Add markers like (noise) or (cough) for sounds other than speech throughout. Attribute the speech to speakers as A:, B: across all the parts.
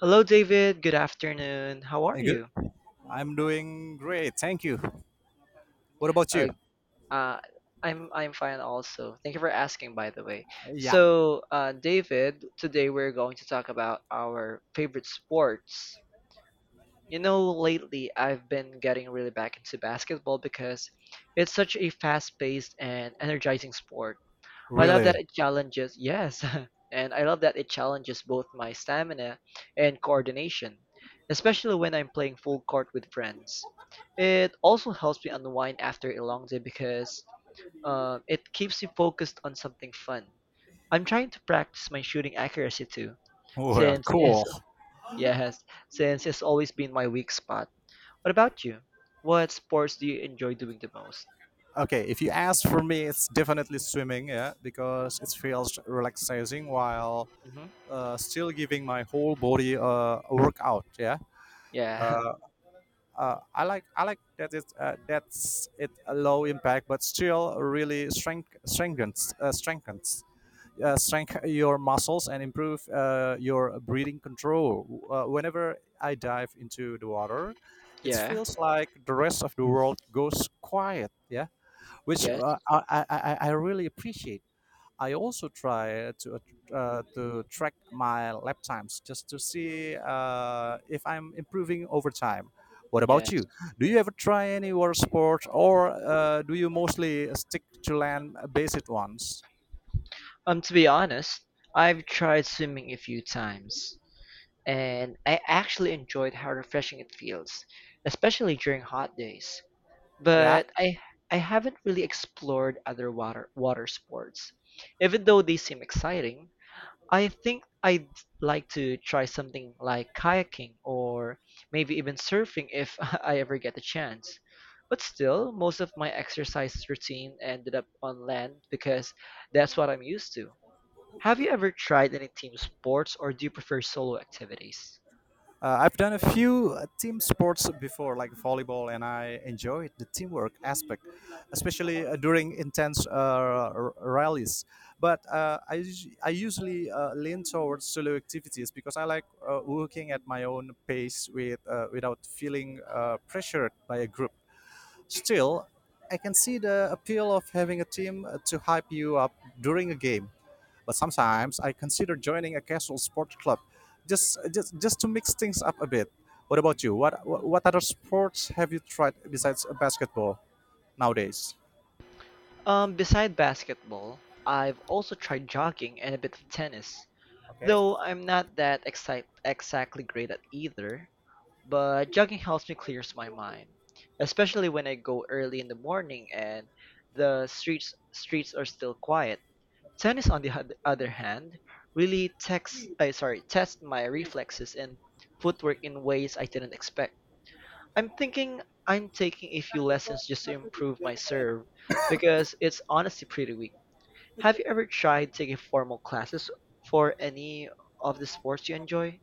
A: Hello, David. Good afternoon. How are
B: Hey, good.
A: you?
B: I'm doing great, thank you. What about
A: Uh,
B: you?
A: uh, I'm fine also. Thank you for asking, by the way.
B: Yeah.
A: So, David, today we're going to talk about our favorite sports. You know, lately I've been getting really back into basketball because it's such a fast-paced and energizing sport. I love that
B: Really?
A: (laughs) and I love that it challenges both my stamina and coordination, especially when I'm playing full court with friends. It also helps me unwind after a long day because it keeps me focused on something fun. I'm trying to practice my shooting accuracy too,
B: Well,
A: since it's
B: cool.
A: (laughs) yes, since it's always been my weak spot. What about you? What sports do you enjoy doing the most?
B: Okay, if you ask for me, it's definitely swimming, yeah, because it feels relaxing while
A: hmm
B: still giving my whole body a workout, yeah.
A: Yeah,
B: Uh, I like that it that's it a low impact, but still really strengthen your muscles and improve your breathing control. Whenever I dive into the water,
A: (laughs)
B: it
A: yeah,
B: feels like the rest of the world goes quiet. Yeah, which
A: yes,
B: I really appreciate. I also try to track my lap times just to see if I'm improving over time. What about
A: yeah.
B: you? Do you ever try any water sports, or do you mostly stick to land-based ones?
A: To be honest, I've tried swimming a few times, and I actually enjoyed how refreshing it feels, especially during hot days.
B: Yeah.
A: But I haven't really explored other water sports. Even though they seem exciting, I think I'd like to try something like kayaking or maybe even surfing if (laughs) I ever get the chance. But still, most of my exercise routine ended up on land because that's what I'm used to. Have you ever tried any team sports, or do you prefer solo activities?
B: I've done a few team sports before, like volleyball, and I enjoyed the teamwork aspect, especially during intense rallies. But I usually lean towards solo activities because I like working at my own pace with, without feeling pressured by a group. Still, I can see the appeal of having a team to hype you up during a game. But sometimes I consider joining a casual sport club, just to mix things up a bit. What about you? What other sports have you tried besides basketball nowadays?
A: Beside basketball, I've also tried jogging and a bit of tennis, though I'm not that excite exactly great at either, but jogging helps me clears my mind, especially when I go early in the morning and the streets are still quiet. Tennis, on the other hand, really test my reflexes and footwork in ways I didn't expect. I'm thinking I'm taking a few lessons just to improve my serve because it's honestly pretty weak. Have you ever tried taking formal classes for any of the sports you enjoy?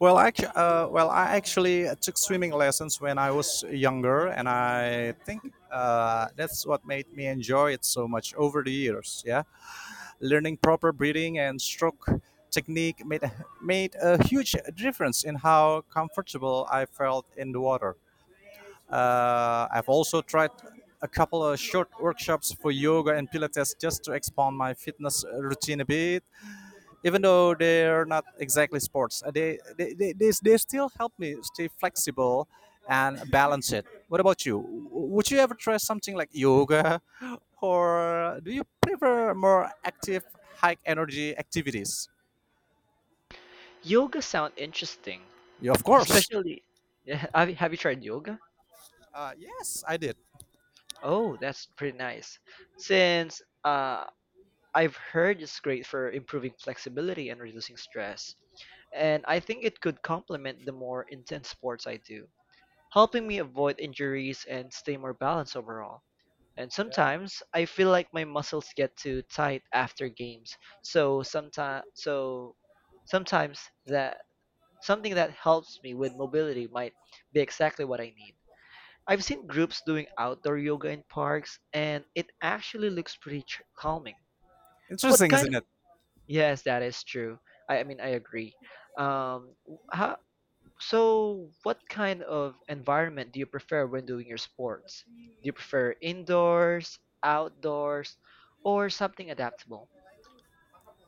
B: Well, I actually took swimming lessons when I was younger, and I think that's what made me enjoy it so much over the years. Yeah, learning proper breathing and stroke technique made a huge difference in how comfortable I felt in the water. I've also tried a couple of short workshops for yoga and Pilates just to expand my fitness routine a bit. Even though they're not exactly sports, they still help me stay flexible and balance it. What about you? Would you ever try something like yoga, (laughs) or do you prefer more active, high energy activities?
A: Yoga sound interesting,
B: Yeah, of course.
A: especially (laughs) yeah, have you tried yoga?
B: Yes, I did.
A: Oh, that's pretty nice. Since I've heard it's great for improving flexibility and reducing stress, and I think it could complement the more intense sports I do, helping me avoid injuries and stay more balanced overall. And sometimes I feel like my muscles get too tight after games. So sometimes that Something that helps me with mobility might be exactly what I need. I've seen groups doing outdoor yoga in parks, and it actually looks pretty calming. What
B: Interesting,
A: kind of
B: isn't it?
A: Yes, that is true. I mean, I agree. Um how So, what kind of environment do you prefer when doing your sports? Do you prefer indoors, outdoors, or something adaptable?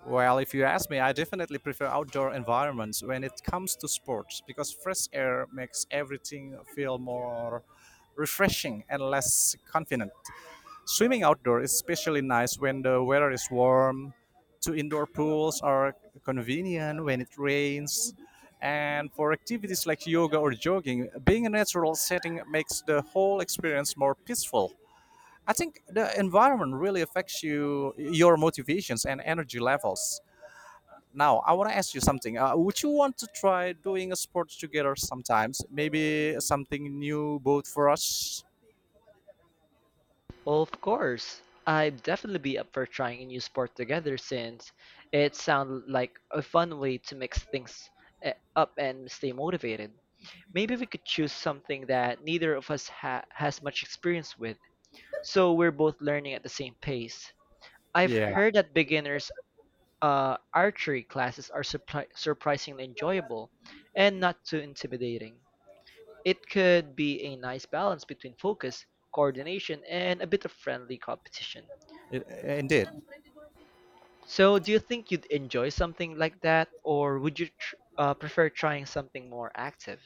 B: Well, if you ask me, I definitely prefer outdoor environments when it comes to sports because fresh air makes everything feel more refreshing and less confident. Swimming outdoor is especially nice when the weather is warm. Two indoor pools are convenient when it rains. And for activities like yoga or jogging, being in a natural setting makes the whole experience more peaceful. I think the environment really affects you, your motivations and energy levels. Now, I want to ask you something. Would you want to try doing a sport together sometimes? Maybe something new both for us?
A: Well, of course, I'd definitely be up for trying a new sport together since it sounds like a fun way to mix things up and stay motivated. Maybe we could choose something that neither of us has much experience with, so we're both learning at the same pace. I've
B: Yeah,
A: heard that beginners archery classes are surprisingly enjoyable and not too intimidating. It could be a nice balance between focus, coordination, and a bit of friendly competition.
B: indeed.
A: So, do you think you'd enjoy something like that, or would you prefer trying something more active?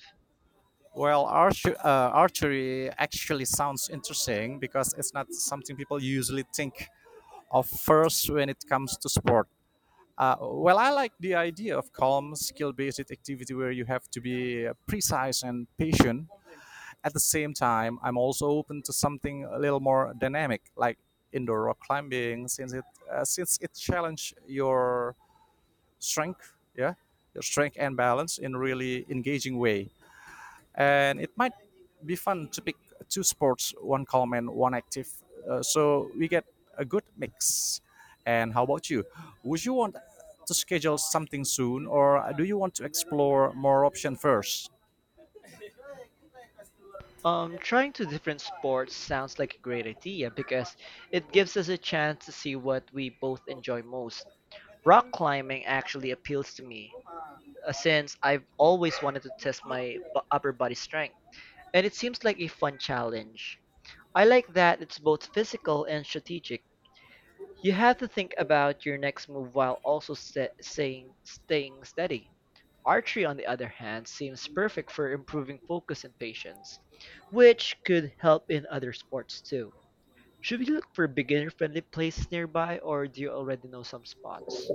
B: Well, archery actually sounds interesting because it's not something people usually think of first when it comes to sport. Well, I like the idea of calm, skill based activity where you have to be precise and patient. At the same time, I'm also open to something a little more dynamic, like indoor rock climbing, since it challenge your strength, yeah, your strength and balance in really engaging way. And it might be fun to pick two sports, one calm and one active, so we get a good mix. And how about you? Would you want to schedule something soon, or do you want to explore more option first?
A: Trying two different sports sounds like a great idea because it gives us a chance to see what we both enjoy most. Rock climbing actually appeals to me, since I've always wanted to test my upper body strength, and it seems like a fun challenge. I like that it's both physical and strategic. You have to think about your next move while also staying steady. Archery, on the other hand, seems perfect for improving focus and patience, which could help in other sports too. Should we look for beginner friendly places nearby, or do you already know some spots?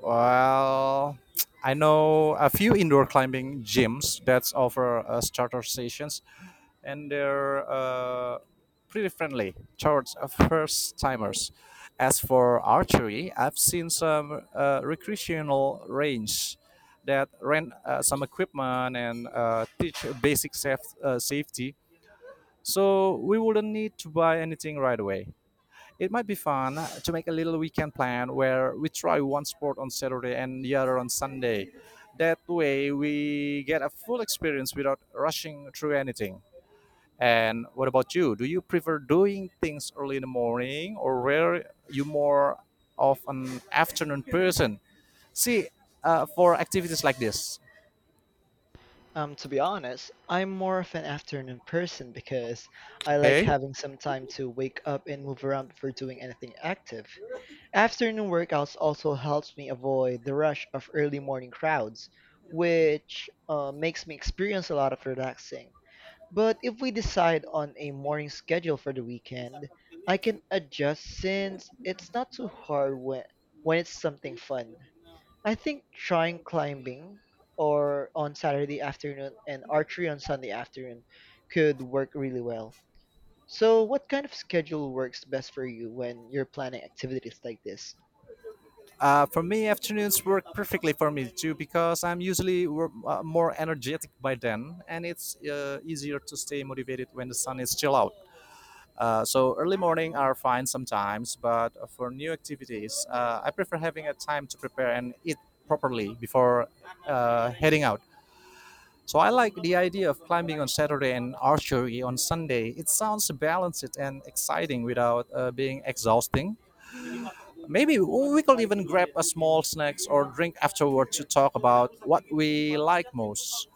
B: Well, I know a few indoor climbing gyms that offer starter sessions, and they're pretty friendly towards first timers. As for archery, I've seen some recreational range that rent some equipment and teach basic safety, so we wouldn't need to buy anything right away. It might be fun to make a little weekend plan where we try one sport on Saturday and the other on Sunday. That way, we get a full experience without rushing through anything. And what about you? Do you prefer doing things early in the morning or were you more of an afternoon person? See, for activities like this,
A: To be honest, I'm more of an afternoon person because I like
B: okay?
A: having some time to wake up and move around before doing anything active. Afternoon workouts also helps me avoid the rush of early morning crowds, which makes me experience a lot of relaxing. But if we decide on a morning schedule for the weekend, I can adjust since it's not too hard when it's something fun. I think trying climbing or on Saturday afternoon and archery on Sunday afternoon could work really well. So, what kind of schedule works best for you when you're planning activities like this?
B: For me, afternoons work perfectly for me too because I'm usually more energetic by then, and it's easier to stay motivated when the sun is still out. So early morning are fine sometimes, but for new activities, I prefer having a time to prepare and eat properly before heading out. So I like the idea of climbing on Saturday and archery on Sunday. It sounds balanced and exciting without being exhausting. Maybe we could even grab a small snacks or drink afterward to talk about what we like most.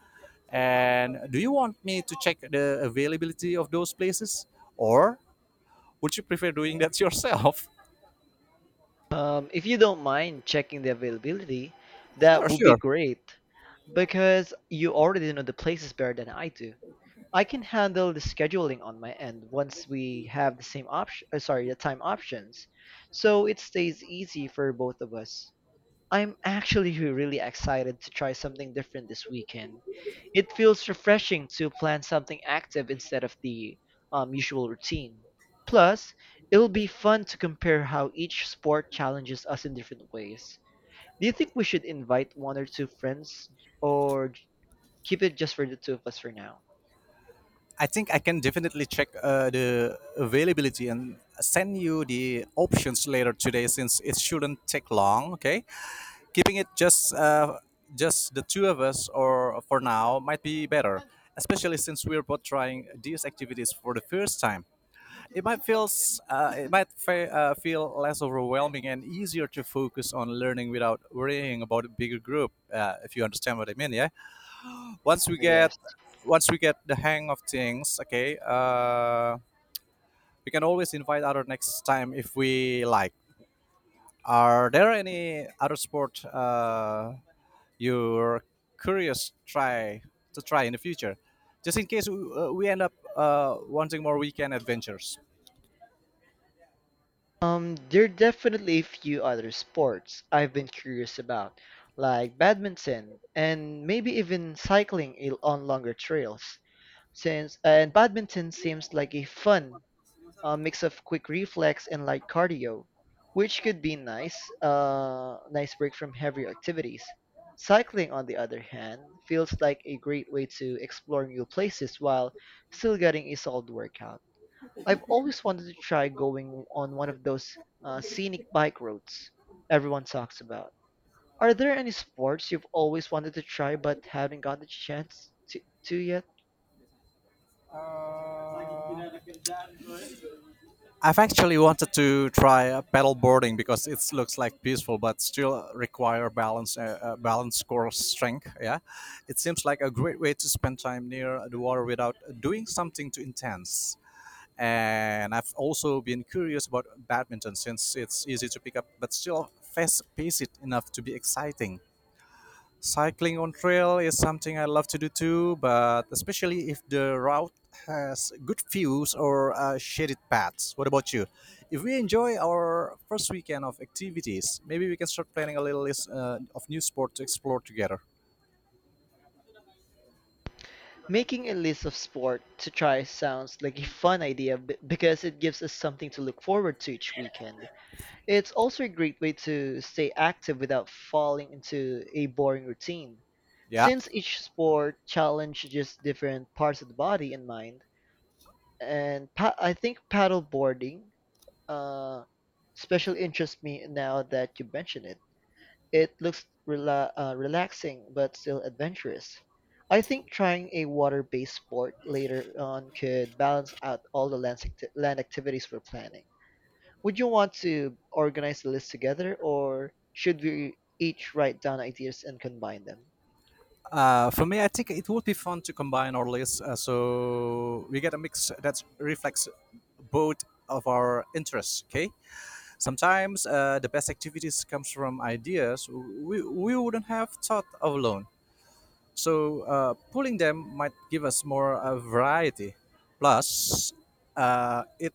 B: And do you want me to check the availability of those places? Or would you prefer doing that yourself? (laughs)
A: If you don't mind checking the availability, that
B: Sure,
A: would be
B: sure.
A: great because you already know the places better than I do. I can handle the scheduling on my end once we have the the time options. So it stays easy for both of us. I'm actually really excited to try something different this weekend. It feels refreshing to plan something active instead of the usual routine. Plus, it'll be fun to compare how each sport challenges us in different ways. Do you think we should invite one or two friends, or keep it just for the two of us for now?
B: I think I can definitely check the availability and send you the options later today since it shouldn't take long, okay? Keeping it just the two of us or for now might be better, especially since we're both trying these activities for the first time. It might feel feel less overwhelming and easier to focus on learning without worrying about a bigger group, if you understand what I mean, yeah. Once we get
A: Yes.
B: once we get the hang of things, okay, we can always invite other next time if we like. Are there any other sport you're curious try to try in the future, just in case we end up wanting more weekend adventures.
A: There are definitely a few other sports I've been curious about, like badminton and maybe even cycling on longer trails. Since and Badminton seems like a fun mix of quick reflex and light cardio, which could be nice break from heavier activities. Cycling, on the other hand, feels like a great way to explore new places while still getting a solid workout. I've always wanted to try going on one of those scenic bike roads everyone talks about. Are there any sports you've always wanted to try but haven't gotten the chance to yet?
B: I've actually wanted to try paddle boarding because it looks like peaceful, but still require balance, balance, core strength. Yeah, it seems like a great way to spend time near the water without doing something too intense. And I've also been curious about badminton since it's easy to pick up but still fast paced enough to be exciting. Cycling on trail is something I love to do too, but especially if the route has good views or shaded paths. What about you? If we enjoy our first weekend of activities, maybe we can start planning a little list of new sport to explore together.
A: Making a list of sport to try sounds like a fun idea because it gives us something to look forward to each weekend. It's also a great way to stay active without falling into a boring routine.
B: Yeah.
A: Since each sport challenges different parts of the body and mind, and I think paddle boarding uh, special interests me now that you mention it. It looks relaxing but still adventurous. I think trying a water-based sport later on could balance out all the land activities we're planning. Would you want to organize the list together, or should we each write down ideas and combine them?
B: For me, I think it would be fun to combine our list so we get a mix that reflects both of our interests. Okay, sometimes the best activities comes from ideas we wouldn't have thought of alone. So pulling them might give us more variety. Plus, uh, it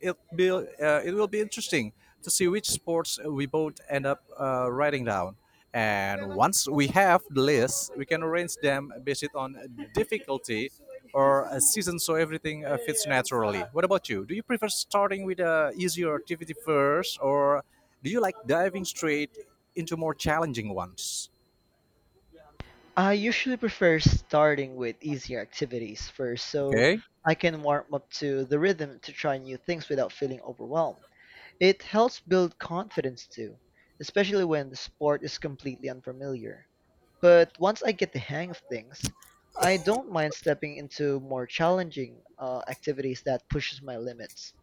B: it be uh, it will be interesting to see which sports we both end up writing down. And once we have the list, we can arrange them based on difficulty or a season, so everything fits naturally. What about you? Do you prefer starting with a easier activity first, or do you like diving straight into more challenging ones?
A: I usually prefer starting with easier activities first so
B: Okay.
A: I can warm up to the rhythm to try new things without feeling overwhelmed. It helps build confidence too, especially when the sport is completely unfamiliar. But once I get the hang of things, I don't mind stepping into more challenging activities that pushes my limits.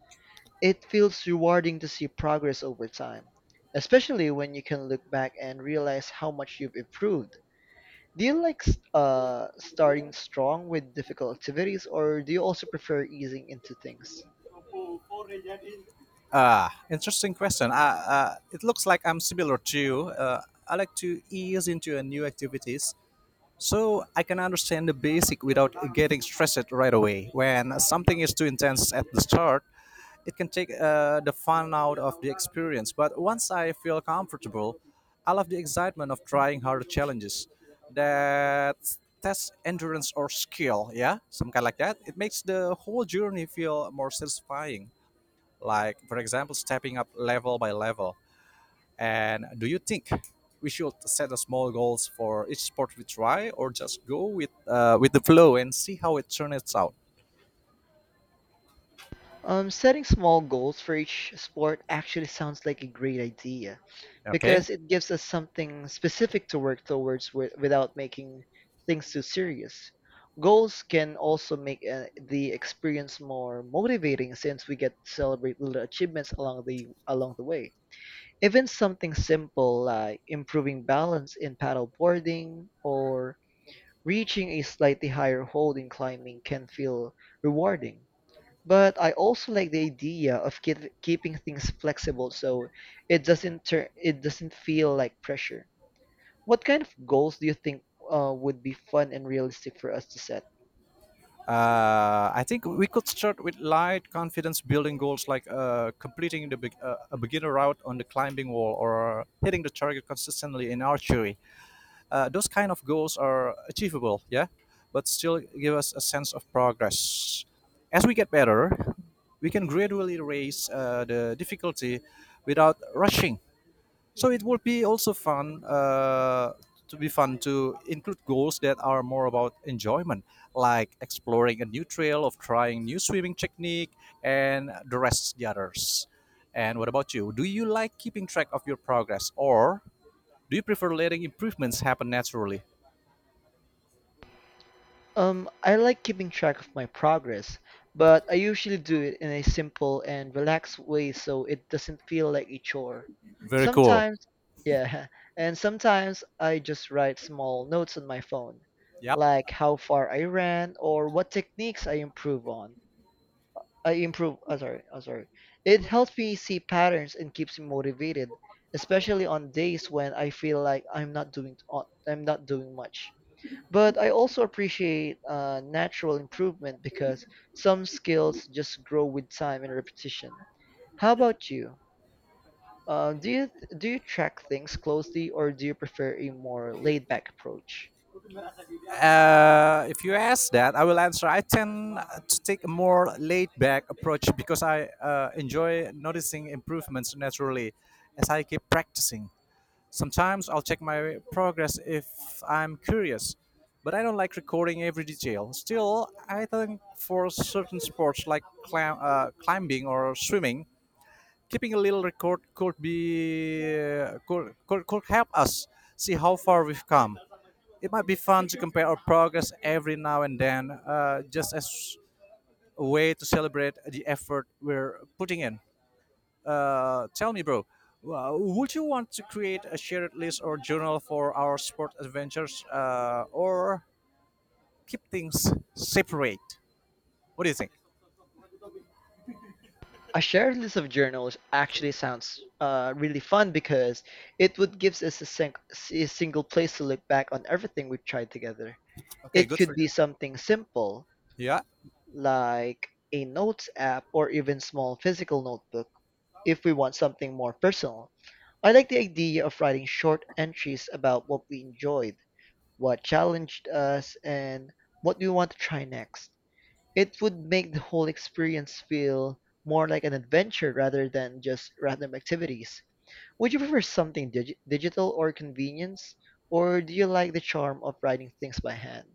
A: It feels rewarding to see progress over time, especially when you can look back and realize how much you've improved. Do you like starting strong with difficult activities, or do you also prefer easing into things?
B: Ah, interesting question. It looks like I'm similar to you. I like to ease into a new activities, so I can understand the basic without getting stressed right away. When something is too intense at the start, it can take the fun out of the experience. But once I feel comfortable, I love the excitement of trying harder challenges that test endurance or skill. Yeah, some kind like that. It makes the whole journey feel more satisfying. Like for example, stepping up level by level. And do you think we should set a small goals for each sport we try, or just go with the flow and see how it turns out?
A: Setting small goals for each sport actually sounds like a great idea
B: Okay.
A: because it gives us something specific to work towards without making things too serious. Goals can also make the experience more motivating since we get to celebrate little achievements along the way, even something simple like improving balance in paddle boarding or reaching a slightly higher hold in climbing can feel rewarding, but I also like the idea of keeping things flexible so it doesn't feel like pressure. What kind of goals do you think would be fun and realistic for us to set?
B: I think we could start with light confidence building goals like completing a beginner route on the climbing wall or hitting the target consistently in archery. Those kind of goals are achievable, yeah, but still give us a sense of progress. As we get better, we can gradually raise the difficulty without rushing, so it will be also fun to be fun to include goals that are more about enjoyment, like exploring a new trail of trying new swimming technique and the rest the others. And what about you? Do you like keeping track of your progress or do you prefer letting improvements happen naturally?
A: I like keeping track of my progress, but I usually do it in a simple and relaxed way so it doesn't feel like a chore.
B: Very cool.
A: Sometimes, yeah, (laughs) and sometimes I just write small notes on my phone,
B: Yep.
A: like how far I ran or what techniques I improve on. I improve, oh, sorry, oh, sorry. It helps me see patterns and keeps me motivated, especially on days when I feel like I'm not doing much. But I also appreciate natural improvement because some skills just grow with time and repetition. How about you? Uh, do you do you track things closely, or do you prefer a more laid back approach?
B: If you ask that, I will answer. I tend to take a more laid back approach because I enjoy noticing improvements naturally as I keep practicing. Sometimes I'll check my progress if I'm curious, but I don't like recording every detail. Still, I think for certain sports like climbing or swimming, keeping a little record could could help us see how far we've come. It might be fun to compare our progress every now and then, just as a way to celebrate the effort we're putting in. Tell me, bro, would you want to create a shared list or journal for our sport adventures, or keep things separate? What do you think?
A: A shared list of journals actually sounds really fun because it would gives us a single place to look back on everything we've tried together. It could be something simple
B: Yeah.
A: like a notes app or even small physical notebook if we want something more personal. I like the idea of writing short entries about what we enjoyed, what challenged us, and what we want to try next. It would make the whole experience feel more like an adventure rather than just random activities. Would you prefer something digital or convenience, or do you like the charm of writing things by hand?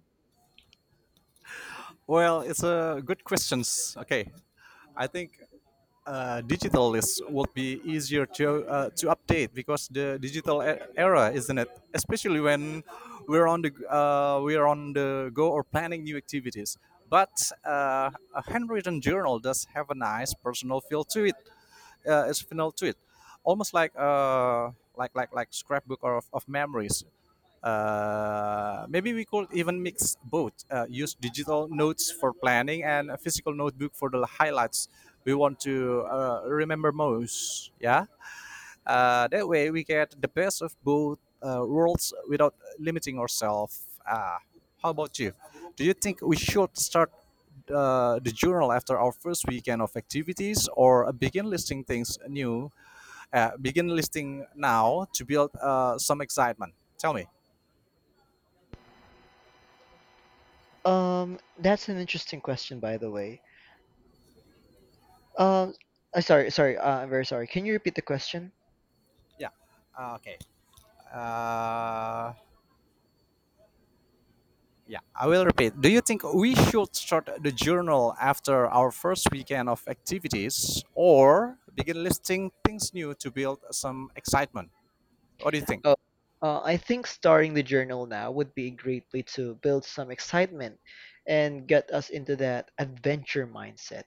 B: Well, it's a good questions. Okay, I think digital is would be easier to update because the digital era, isn't it? Especially when we're on the go or planning new activities. But a handwritten journal does have a nice personal feel to it its final tweet, almost like scrapbook or of memories. Maybe we could even mix both. Use digital notes for planning and a physical notebook for the highlights we want to remember most. Yeah. That way, we get the best of both worlds without limiting ourselves. Ah, how about you? Do you think we should start the journal after our first weekend of activities, or begin listing things new? Begin listing now to build some excitement. Tell me.
A: That's an interesting question, by the way. Um, I'm very sorry. Can you repeat the question?
B: Yeah. Okay. Uh, yeah, I will repeat. Do you think we should start the journal after our first weekend of activities or begin listing things new to build some excitement? What do you think?
A: Oh, I think starting the journal now would be a great way to build some excitement and get us into that adventure mindset.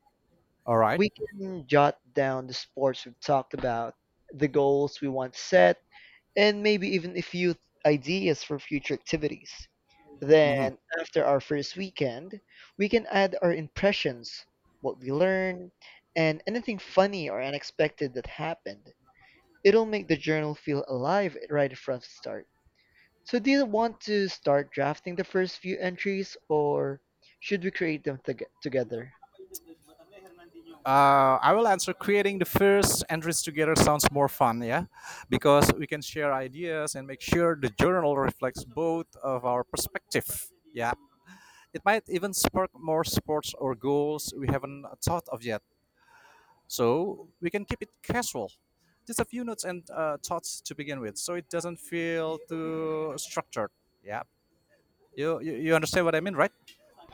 B: All right.
A: We can jot down the sports we've talked about, the goals we want set, and maybe even a few ideas for future activities.
B: Mhm.
A: Then, after our first weekend, we can add our impressions, what we learned, and anything funny or unexpected that happened. It'll make the journal feel alive right from the start. So do you want to start drafting the first few entries or should we create them together?
B: I will answer creating the first entries together sounds more fun, yeah? Because we can share ideas and make sure the journal reflects both of our perspective. Yeah. It might even spark more sports or goals we haven't thought of yet. So we can keep it casual. Just a few notes and thoughts to begin with, so it doesn't feel too structured. Yeah, you understand what I mean, right?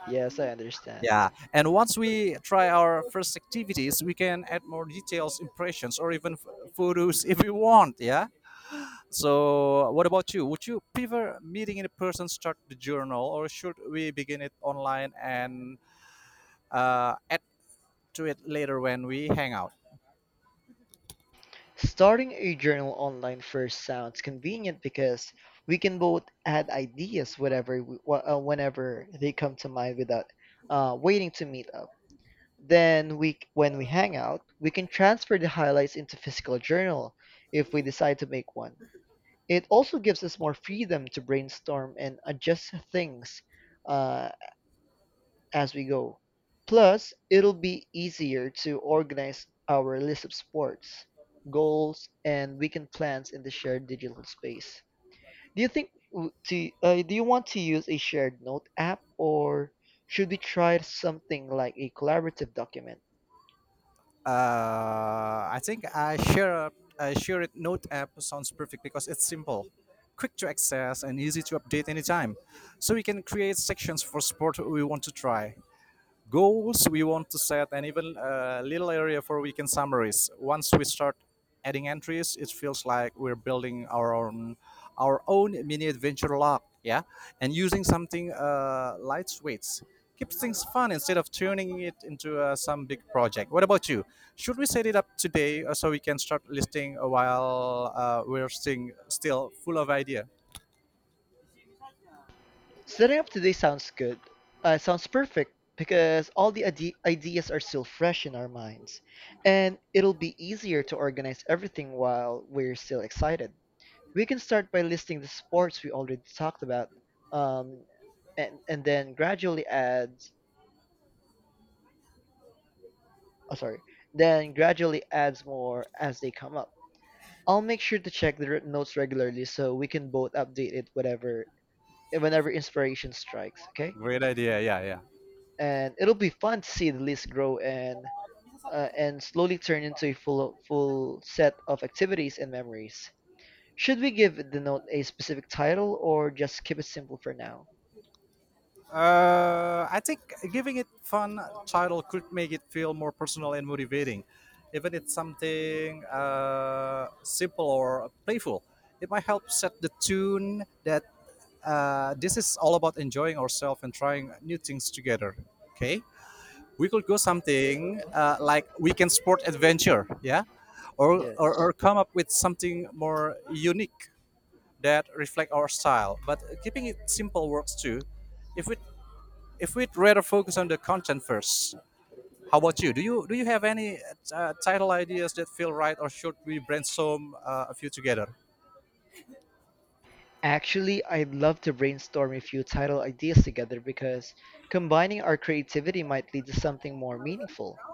A: Yes, I understand.
B: Yeah, and once we try our first activities, we can add more details, impressions, or even photos if we want. Yeah. So, what about you? Would you prefer meeting in person, start the journal, or should we begin it online and add to it later when we hang out?
A: Starting a journal online first sounds convenient because we can both add ideas whatever whenever they come to mind without waiting to meet up. Then we When we hang out, we can transfer the highlights into physical journal if we decide to make one. It also gives us more freedom to brainstorm and adjust things uh, as we go. Plus, it'll be easier to organize our list of sports, goals, and weekend plans in the shared digital space. Do you think w- to do you want to use a shared note app or should we try something like a collaborative document?
B: Uh, I think I share it note app sounds perfect because it's simple, quick to access, and easy to update anytime. So we can create sections for sport we want to try, goals we want to set and even a little area for weekend summaries once we start adding entries. It feels like we're building our own mini adventure log, yeah, and using something lightweight keeps things fun instead of turning it into some big project. What about you? Should we set it up today, so we can start listing while we're still full of idea?
A: Setting up today sounds good. Sounds perfect because all the ideas are still fresh in our minds, and it'll be easier to organize everything while we're still excited. We can start by listing the sports we already talked about, um, and then gradually adds. Oh, sorry. Then gradually adds more as they come up. I'll make sure to check the notes regularly so we can both update it whatever whenever inspiration strikes. Okay,
B: Great idea. Yeah, yeah.
A: and it'll be fun to see the list grow and slowly turn into a full set of activities and memories. Should we give the note a specific title or just keep it simple for now?
B: I think giving it fun title could make it feel more personal and motivating. Even if it's something simple or playful, it might help set the tune that this is all about enjoying ourselves and trying new things together. Okay, we could go something like weekend sport adventure, yeah,
A: Yes.
B: or come up with something more unique that reflect our style. But keeping it simple works too if we if we'd rather focus on the content first. How about you? Do you have any title ideas that feel right, or should we brainstorm a few together?
A: Actually, I'd love to brainstorm a few title ideas together because combining our creativity might lead to something more meaningful.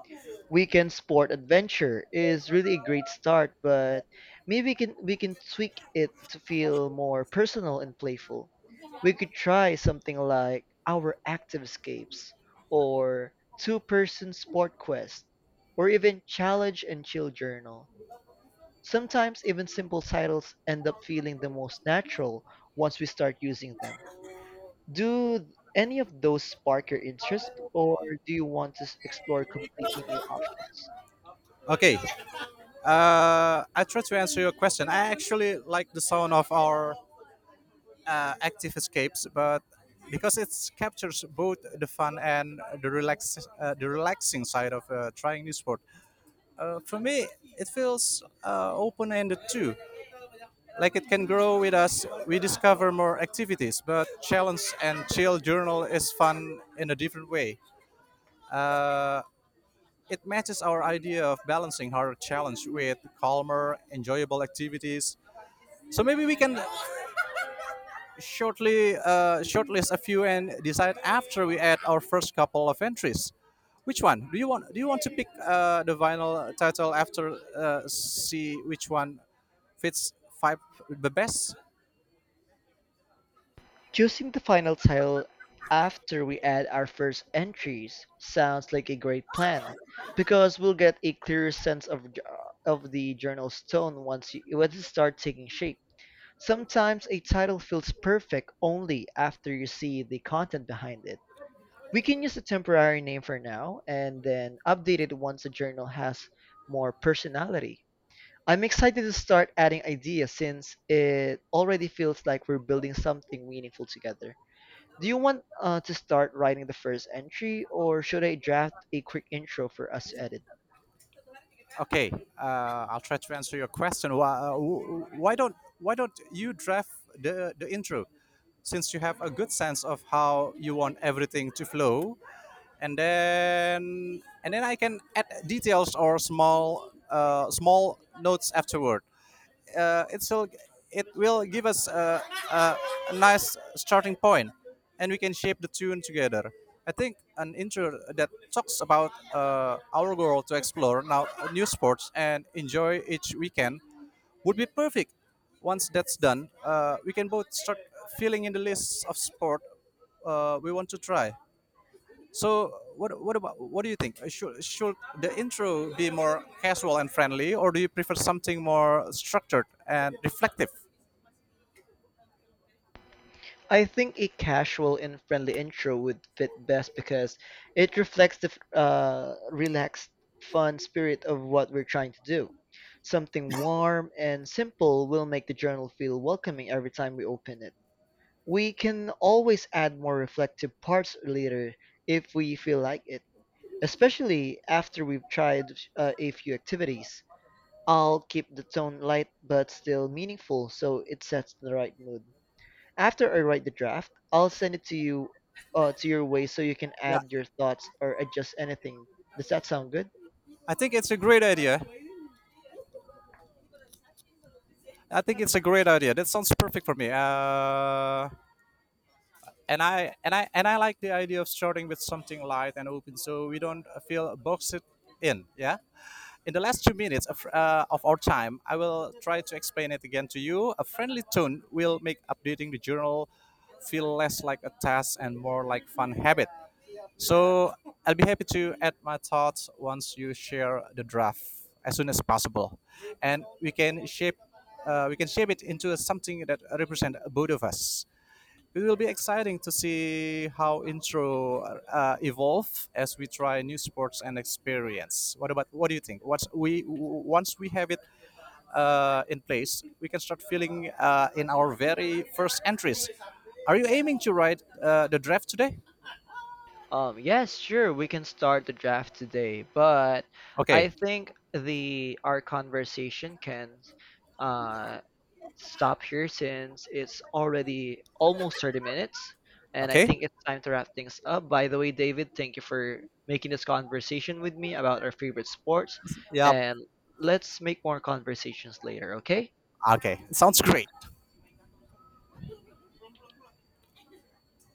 A: Weekend Sport Adventure is really a great start, but maybe we can tweak it to feel more personal and playful. We could try something like Our Active Escapes or Two Person Sport Quest or even Challenge and Chill Journal. Sometimes even simple titles end up feeling the most natural once we start using them. Do any of those spark your interest, or do you want to explore completely new options?
B: Okay, I try to answer your question. I actually like the sound of our active escapes, but because it captures both the fun and the relaxing side of trying new sport. For me, it feels open-ended too, like it can grow with us we discover more activities. But challenge and chill journal is fun in a different way. uh, it matches our idea of balancing hard challenge with calmer enjoyable activities. So maybe we can shortly shortlist a few and decide after we add our first couple of entries. Which one do you want? Do you want to pick the vinyl title after see which one fits five the best.
A: Choosing the final title after we add our first entries sounds like a great plan because we'll get a clearer sense of of the journal's tone once it starts taking shape. Sometimes a title feels perfect only after you see the content behind it. We can use a temporary name for now and then update it once the journal has more personality. I'm excited to start adding ideas since it already feels like we're building something meaningful together. Do you want to start writing the first entry, or should I draft a quick intro for us to edit?
B: Okay, I'll try to answer your question. Why don't you draft the intro, since you have a good sense of how you want everything to flow, and then I can add details or small notes afterward. It will it will give us a, a nice starting point, and we can shape the tune together. I think an intro that talks about our goal to explore now new sports and enjoy each weekend would be perfect. Once that's done, we can both start filling in the list of sport we want to try. So what do you think? Should the intro be more casual and friendly, or do you prefer something more structured and reflective?
A: I think a casual and friendly intro would fit best because it reflects the relaxed, fun spirit of what we're trying to do. Something warm and simple will make the journal feel welcoming every time we open it. We can always add more reflective parts later if we feel like it, especially after we've tried a few activities. I'll keep the tone light but still meaningful so it sets the right mood. After I write the draft, I'll send it to you to your way so you can
B: Yeah,
A: add your thoughts or adjust anything. Does that sound good?
B: I think it's a great idea. I think it's a great idea. That sounds perfect for me. And I like the idea of starting with something light and open, so we don't feel boxed in. Yeah. In the last 2 minutes of our time, I will try to explain it again to you. A friendly tone will make updating the journal feel less like a task and more like fun habit. So I'll be happy to add my thoughts once you share the draft as soon as possible, and we can shape we can shape it into something that represents both of us. It will be exciting to see how intro evolve as we try new sports and experience. What about what do you think? Once we have it in place, we can start feeling in our very first entries. Are you aiming to write the draft today?
A: Yes, sure, we can start the draft today, but
B: Okay.
A: I think the our conversation can uh, stop here since it's already almost 30 minutes and I
B: Okay.
A: think it's time to wrap things up. By the way, David, thank you for making this conversation with me about our favorite sports
B: Yep.
A: and let's make more conversations later, okay?
B: Okay. Sounds great.